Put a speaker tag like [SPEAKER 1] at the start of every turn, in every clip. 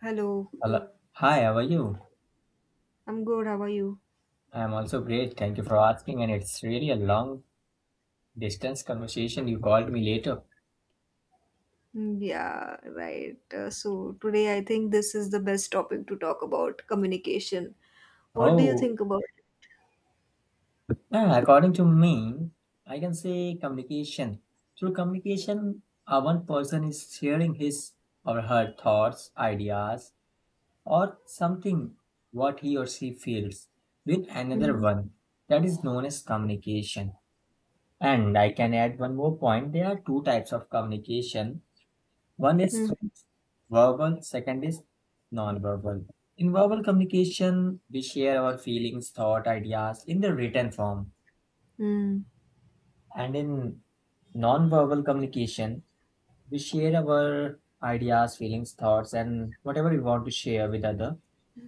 [SPEAKER 1] Hello,
[SPEAKER 2] Hello. Hi, how are you?
[SPEAKER 1] I'm good. How are you?
[SPEAKER 2] I'm also great. Thank you for asking. And it's really a long distance conversation. You called me later.
[SPEAKER 1] Mm, yeah, right. So today I think this is the best topic to talk about communication. What do you
[SPEAKER 2] Oh,
[SPEAKER 1] think about it?
[SPEAKER 2] yeah, according to me, I can say communication. Through communication, one person is sharing his or her thoughts, ideas, or something what he or she feels with another
[SPEAKER 1] Hmm.
[SPEAKER 2] one. That is known as communication. And I can add one more point. There are two types of communication. One is
[SPEAKER 1] Hmm.
[SPEAKER 2] verbal, second is non-verbal. In verbal communication, we share our feelings, thought, ideas in the written form.
[SPEAKER 1] Hmm.
[SPEAKER 2] And in non-verbal communication, we share our ideas, feelings, thoughts, and whatever we want to share with other.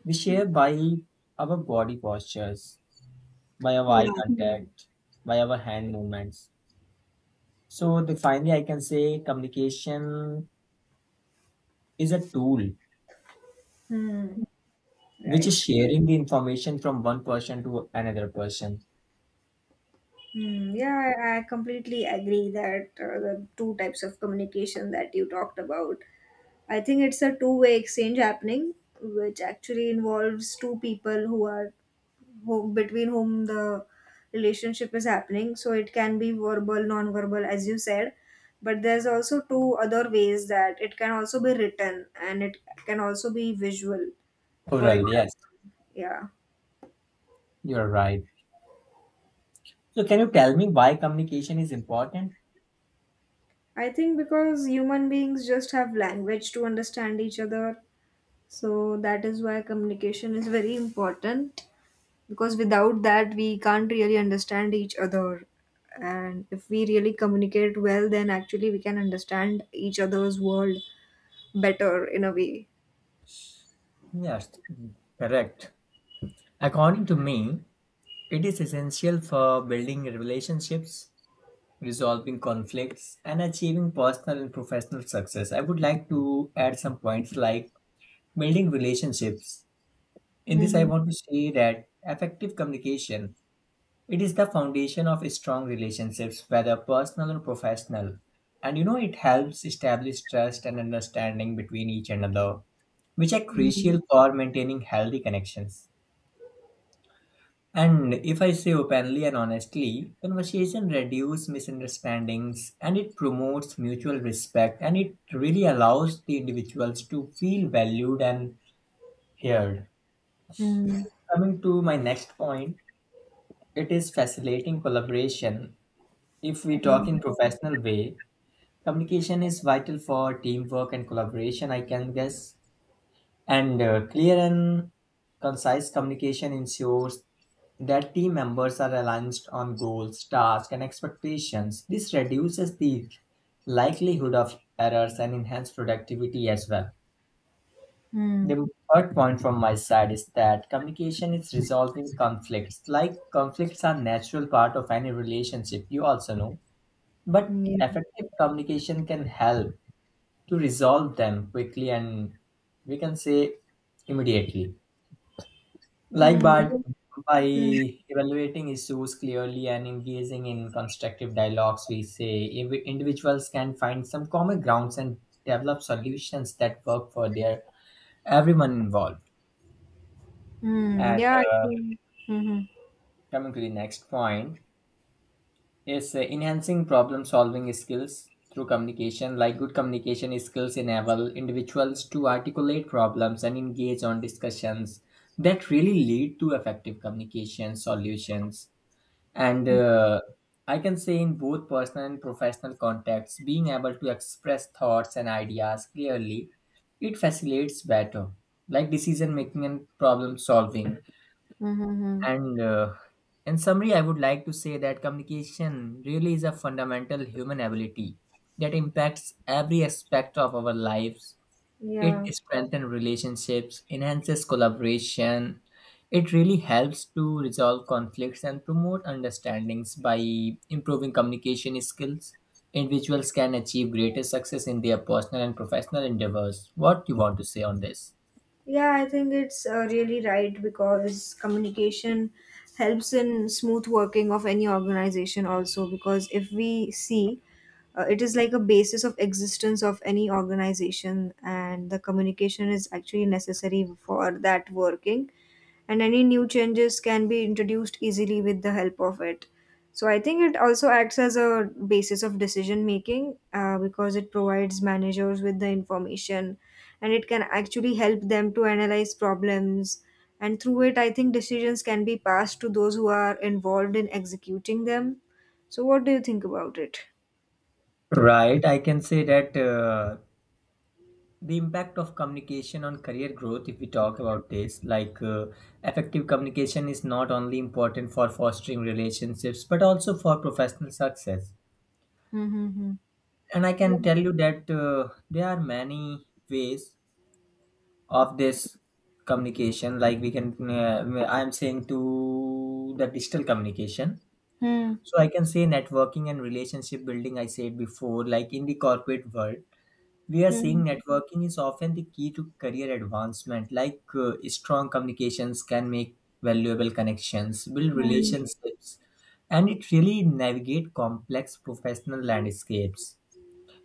[SPEAKER 2] We share by our body postures, by our eye
[SPEAKER 1] Yeah.
[SPEAKER 2] contact, by our hand movements. So finally, I can say communication is a tool
[SPEAKER 1] Hmm,
[SPEAKER 2] which
[SPEAKER 1] right.
[SPEAKER 2] is sharing the information from one person to another person.
[SPEAKER 1] Hmm, yeah, I completely agree that the two types of communication that you talked about. I think it's a two-way exchange happening, which actually involves two people who are who, between whom the relationship is happening. So it can be verbal, non verbal, as you said. But there's also two other ways that it can also be written and it can also be visual. For
[SPEAKER 2] Plural, yes,
[SPEAKER 1] example, yeah.
[SPEAKER 2] you're right. So, can you tell me why communication is important?
[SPEAKER 1] I think because human beings just have language to understand each other. So that is why communication is very important because without that we can't really understand each other, and if we really communicate well then actually we can understand each other's world better in a way.
[SPEAKER 2] Yes, correct. According to me, it is essential for building relationships, resolving conflicts, and achieving personal and professional success. I would like to add some points like building relationships. In this, I
[SPEAKER 1] Mm-hmm.
[SPEAKER 2] want to say that effective communication, it is the foundation of strong relationships, whether personal or professional. And you know, it helps establish trust and understanding between each another, which are
[SPEAKER 1] Mm-hmm.
[SPEAKER 2] crucial for maintaining healthy connections. And if I say openly and honestly, conversation reduces misunderstandings and it promotes mutual respect and it really allows the individuals to feel valued and heard. Coming to my next point, it is facilitating collaboration. If we talk in professional way, communication is vital for teamwork and collaboration, I can guess. And clear and concise communication ensures that team members are aligned on goals, tasks, and expectations. This reduces the likelihood of errors and enhances productivity as well.
[SPEAKER 1] Mm-hmm.
[SPEAKER 2] The third point from my side is that communication is resolving conflicts. Like conflicts are natural part of any relationship, you also know. But
[SPEAKER 1] Yeah.
[SPEAKER 2] effective communication can help to resolve them quickly and we can say immediately. Like
[SPEAKER 1] Mm-hmm.
[SPEAKER 2] but by evaluating issues clearly and engaging in constructive dialogues, we say individuals can find some common grounds and develop solutions that work for their everyone involved.
[SPEAKER 1] Mm-hmm.
[SPEAKER 2] And
[SPEAKER 1] Yeah, I
[SPEAKER 2] uh,
[SPEAKER 1] think. Mm-hmm.
[SPEAKER 2] coming to the next point, yes, enhancing problem solving skills through communication, like good communication skills enable individuals to articulate problems and engage on discussions that really lead to effective communication solutions. And I can say, in both personal and professional contexts, being able to express thoughts and ideas clearly, it facilitates better, like decision making and problem solving.
[SPEAKER 1] Mm-hmm.
[SPEAKER 2] And in summary, I would like to say that communication really is a fundamental human ability that impacts every aspect of our lives. It
[SPEAKER 1] Yeah.
[SPEAKER 2] strengthens relationships, enhances collaboration. It really helps to resolve conflicts and promote understandings by improving communication skills. Individuals can achieve greater success in their personal and professional endeavors. What do you want to say on this?
[SPEAKER 1] Yeah, I think it's really right because communication helps in smooth working of any organization also because if we see it is like a basis of existence of any organization, and the communication is actually necessary for that working, and any new changes can be introduced easily with the help of it. So I think it also acts as a basis of decision making because it provides managers with the information, and it can actually help them to analyze problems, and through it I think decisions can be passed to those who are involved in executing them. So what do you think about it?
[SPEAKER 2] Right, I can say that the impact of communication on career growth if we talk about this like effective communication is not only important for fostering relationships but also for professional success.
[SPEAKER 1] Hmm.
[SPEAKER 2] And I can
[SPEAKER 1] Yeah.
[SPEAKER 2] tell you that there are many ways of this communication like we can I am saying to the digital communication.
[SPEAKER 1] Hmm.
[SPEAKER 2] So I can say networking and relationship building I said before like in the corporate world we are seeing
[SPEAKER 1] Hmm.
[SPEAKER 2] networking is often the key to career advancement like strong communications can make valuable connections, build
[SPEAKER 1] Hmm.
[SPEAKER 2] relationships and it really navigate complex professional landscapes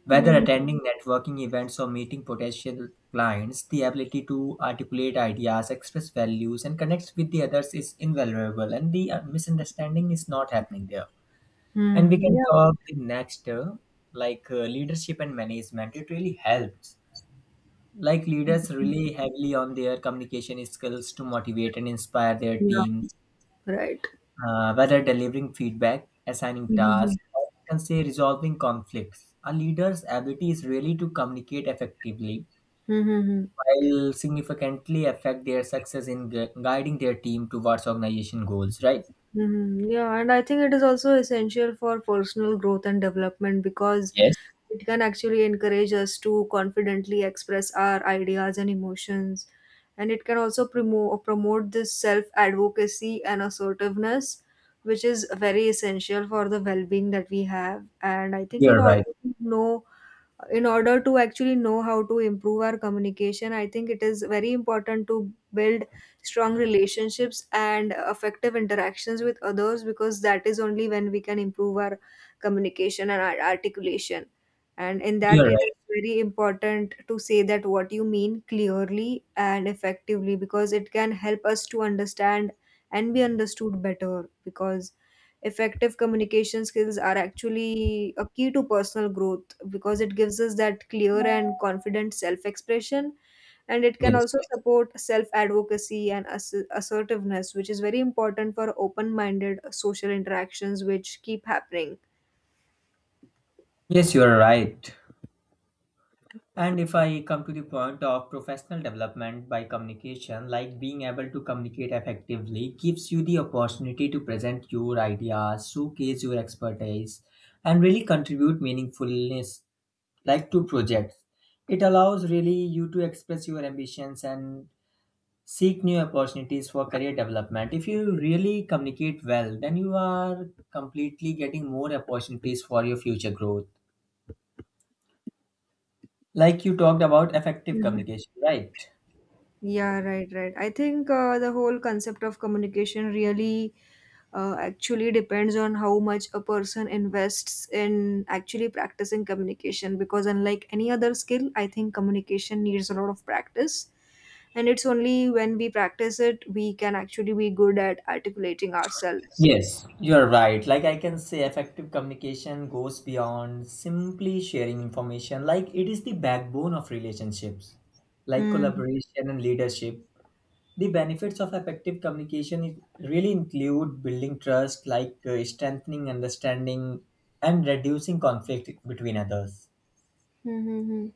[SPEAKER 2] whether
[SPEAKER 1] Hmm.
[SPEAKER 2] attending networking events or meeting potential clients. The ability to articulate ideas, express values and connect with the others is invaluable and the misunderstanding is not happening there. And we
[SPEAKER 1] Hmm.
[SPEAKER 2] can
[SPEAKER 1] Yeah.
[SPEAKER 2] talk the next like leadership and management, it really helps like leaders rely heavily on their communication skills to motivate and inspire their
[SPEAKER 1] Yeah.
[SPEAKER 2] teams,
[SPEAKER 1] Right.
[SPEAKER 2] whether delivering feedback, assigning tasks,
[SPEAKER 1] Mm-hmm.
[SPEAKER 2] or you can say resolving conflicts. A leader's ability is really to communicate effectively
[SPEAKER 1] Mm-hmm.
[SPEAKER 2] will significantly affect their success in guiding their team towards organization goals, right?
[SPEAKER 1] Mm-hmm. Yeah, and I think it is also essential for personal growth and development because
[SPEAKER 2] Yes.
[SPEAKER 1] it can actually encourage us to confidently express our ideas and emotions. And it can also promote this self advocacy and assertiveness, which is very essential for the well being that we have. And I think
[SPEAKER 2] You're right.
[SPEAKER 1] to know in order to actually know how to improve our communication, I think it is very important to build strong relationships and effective interactions with others because that is only when we can improve our communication and our articulation. And in that
[SPEAKER 2] You're
[SPEAKER 1] it
[SPEAKER 2] right.
[SPEAKER 1] is very important to say that what you mean clearly and effectively because it can help us to understand and be understood better because effective communication skills are actually a key to personal growth because it gives us that clear and confident self expression, and it can
[SPEAKER 2] Yes.
[SPEAKER 1] also support self advocacy and assertiveness which is very important for open minded social interactions which keep happening.
[SPEAKER 2] Yes, you're right. And if I come to the point of professional development by communication, like being able to communicate effectively gives you the opportunity to present your ideas, showcase your expertise, and really contribute meaningfulness like to projects. It allows really you to express your ambitions and seek new opportunities for career development. If you really communicate well, then you are completely getting more opportunities for your future growth. Like you talked about effective communication, right?
[SPEAKER 1] Yeah, right, right. I think the whole concept of communication really actually depends on how much a person invests in actually practicing communication because, unlike any other skill, I think communication needs a lot of practice. And it's only when we practice it we can actually be good at articulating ourselves.
[SPEAKER 2] Yes, you are right. Like I can say, effective communication goes beyond simply sharing information. Like it is the backbone of relationships, like
[SPEAKER 1] Hmm.
[SPEAKER 2] collaboration and leadership. The benefits of effective communication really include building trust, like strengthening understanding and reducing conflict between others.
[SPEAKER 1] Hmm. Hmm, hmm.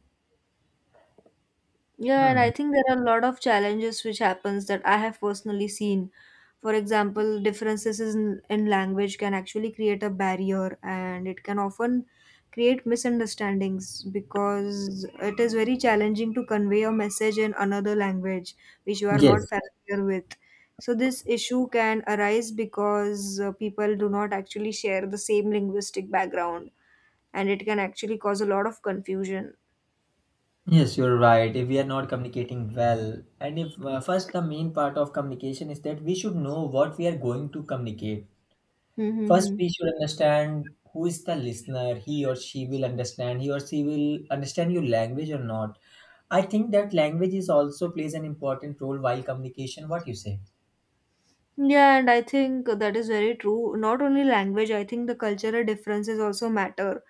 [SPEAKER 1] Yeah, and I
[SPEAKER 2] Hmm.
[SPEAKER 1] think there are a lot of challenges which happens that I have personally seen. For example, differences in language can actually create a barrier, and it can often create misunderstandings because it is very challenging to convey a message in another language which you are not
[SPEAKER 2] Yes.
[SPEAKER 1] familiar with. So this issue can arise because people do not actually share the same linguistic background, and it can actually cause a lot of confusion.
[SPEAKER 2] Yes, you're right. If we are not communicating well, and if first the main part of communication is that we should know what we are going to communicate. First,
[SPEAKER 1] Mm-hmm.
[SPEAKER 2] we should understand who is the listener. He or she will understand. He or she will understand your language or not. I think that language is also plays an important role while communication. What you say?
[SPEAKER 1] Yeah, and I think that is very true. Not only language, I think the cultural differences also matter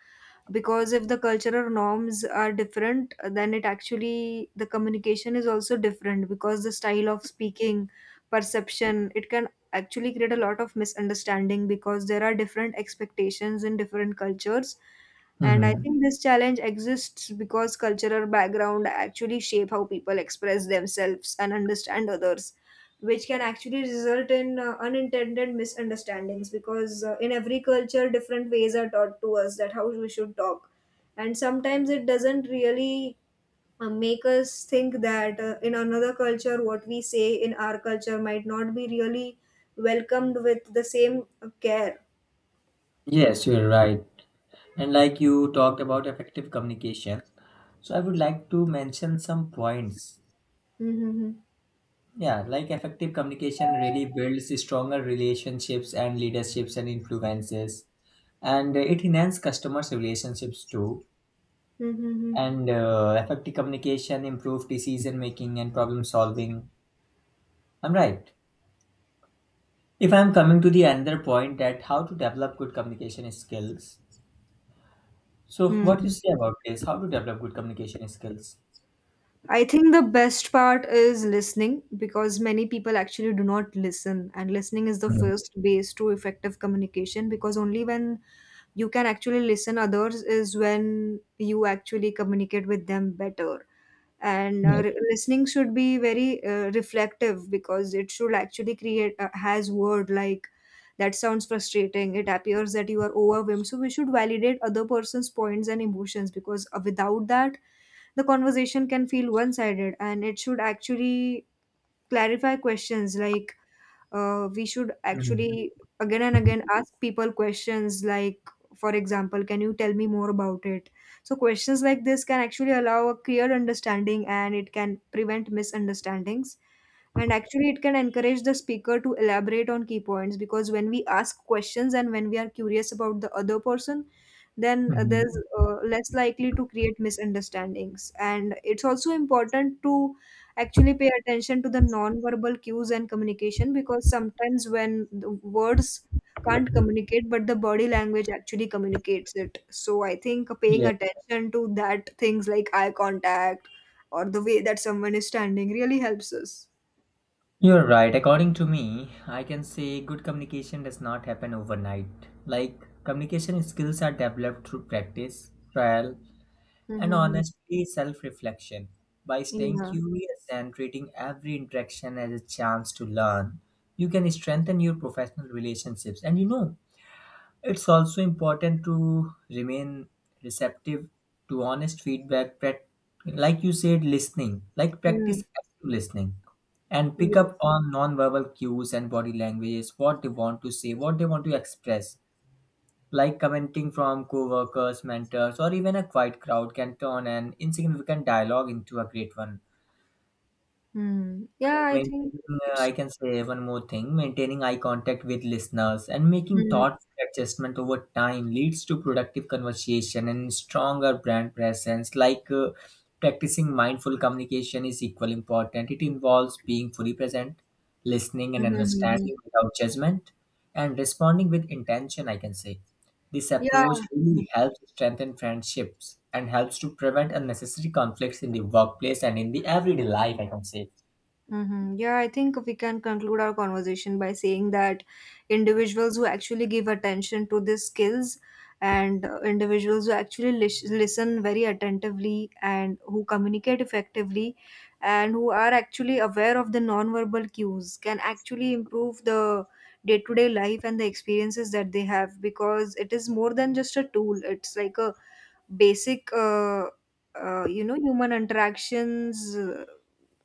[SPEAKER 1] because if the cultural norms are different, then it actually the communication is also different because the style of speaking, perception, it can actually create a lot of misunderstanding because there are different expectations in different cultures. And I
[SPEAKER 2] Mm-hmm.
[SPEAKER 1] think this challenge exists because cultural background actually shape how people express themselves and understand others, which can actually result in unintended misunderstandings because in every culture different ways are taught to us that how we should talk. And sometimes it doesn't really make us think that in another culture what we say in our culture might not be really welcomed with the same care.
[SPEAKER 2] Yes, you're right. And like you talked about effective communication, so I would like to mention some points.
[SPEAKER 1] Mm-hmm.
[SPEAKER 2] Yeah, like effective communication really builds stronger relationships and leaderships and influences, and it enhances customers' relationships too.
[SPEAKER 1] Mm-hmm.
[SPEAKER 2] And effective communication improve decision making and problem solving, I'm right. If I'm coming to the another point that how to develop good communication skills, so
[SPEAKER 1] Hmm. Mm.
[SPEAKER 2] what you
[SPEAKER 1] Hmm.
[SPEAKER 2] say about this, how to develop good communication skills?
[SPEAKER 1] I think the best part is listening because many people actually do not listen, and listening is the
[SPEAKER 2] Mhm.
[SPEAKER 1] first base to effective communication because only when you can actually listen others is when you actually communicate with them better. And
[SPEAKER 2] Yes.
[SPEAKER 1] listening should be very reflective because it should actually create has word like that sounds frustrating, it appears that you are overwhelmed, so we should validate other person's points and emotions because without that the conversation can feel one sided. And it should actually clarify questions like we should
[SPEAKER 2] Mhm.
[SPEAKER 1] actually again and again ask people questions like, for example, can you tell me more about it. So questions like this can actually allow a clear understanding, and it can prevent misunderstandings, and actually it can encourage the speaker to elaborate on key points because when we ask questions and when we are curious about the other person then there's
[SPEAKER 2] Mhm.
[SPEAKER 1] less likely to create misunderstandings. And it's also important to actually pay attention to the non-verbal cues and communication because sometimes when the words can't communicate but the body language actually communicates it, so I think paying
[SPEAKER 2] Yeah,
[SPEAKER 1] attention to that, things like eye contact or the way that someone is standing really helps us.
[SPEAKER 2] you're right. According to me, I can say good communication does not happen overnight, like communication skills are developed through practice, trial and
[SPEAKER 1] Mm-hmm.
[SPEAKER 2] honestly self reflection. By staying
[SPEAKER 1] Yeah.
[SPEAKER 2] curious and treating every interaction as a chance to learn, you can strengthen your professional relationships. And you know, it's also important to remain receptive to honest feedback. Like you said, listening, like practice
[SPEAKER 1] Mm.
[SPEAKER 2] active listening and pick up
[SPEAKER 1] Yes.
[SPEAKER 2] on non-verbal cues and body languages what they want to say what they want to express like commenting from co-workers, mentors, or even a quiet crowd can turn an insignificant dialogue into a great one
[SPEAKER 1] Mm.
[SPEAKER 2] like
[SPEAKER 1] Yeah, I think
[SPEAKER 2] maintaining,
[SPEAKER 1] it's.
[SPEAKER 2] I can say one more thing, maintaining eye contact with listeners and making
[SPEAKER 1] Mm.
[SPEAKER 2] thoughtful adjustment over time leads to productive conversation and stronger brand presence. Like practicing mindful communication is equally important. It involves being fully present, listening and
[SPEAKER 1] Mm-hmm.
[SPEAKER 2] understanding without judgment, and responding with intention, I can say. This
[SPEAKER 1] Yeah.
[SPEAKER 2] approach really helps strengthen friendships and helps to prevent unnecessary conflicts in the workplace and in the everyday life, I can say.
[SPEAKER 1] Mm-hmm. Yeah, I think we can conclude our conversation by saying that individuals who actually give attention to these skills and individuals who actually listen very attentively and who communicate effectively and who are actually aware of the nonverbal cues can actually improve the day to day life and the experiences that they have because it is more than just a tool, it's like a basic. Human interactions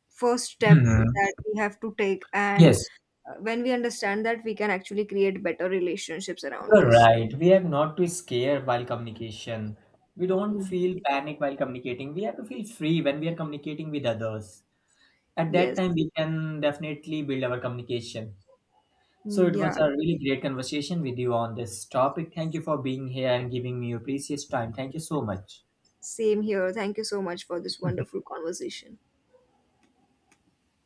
[SPEAKER 1] first step that we have to take, and
[SPEAKER 2] Yes,
[SPEAKER 1] when we understand that we can actually create better relationships around
[SPEAKER 2] you're
[SPEAKER 1] us.
[SPEAKER 2] right. We have not to scare while communication. We don't
[SPEAKER 1] Mm,
[SPEAKER 2] feel panic while communicating. We have to feel free when we are communicating with others. At that
[SPEAKER 1] yes.
[SPEAKER 2] time, we can definitely build our communication. So
[SPEAKER 1] Mm,
[SPEAKER 2] it was
[SPEAKER 1] yeah.
[SPEAKER 2] a really great conversation with you on this topic. Thank you for being here and giving me your precious time. Thank you so much.
[SPEAKER 1] Same here, thank you so much for this wonderful conversation.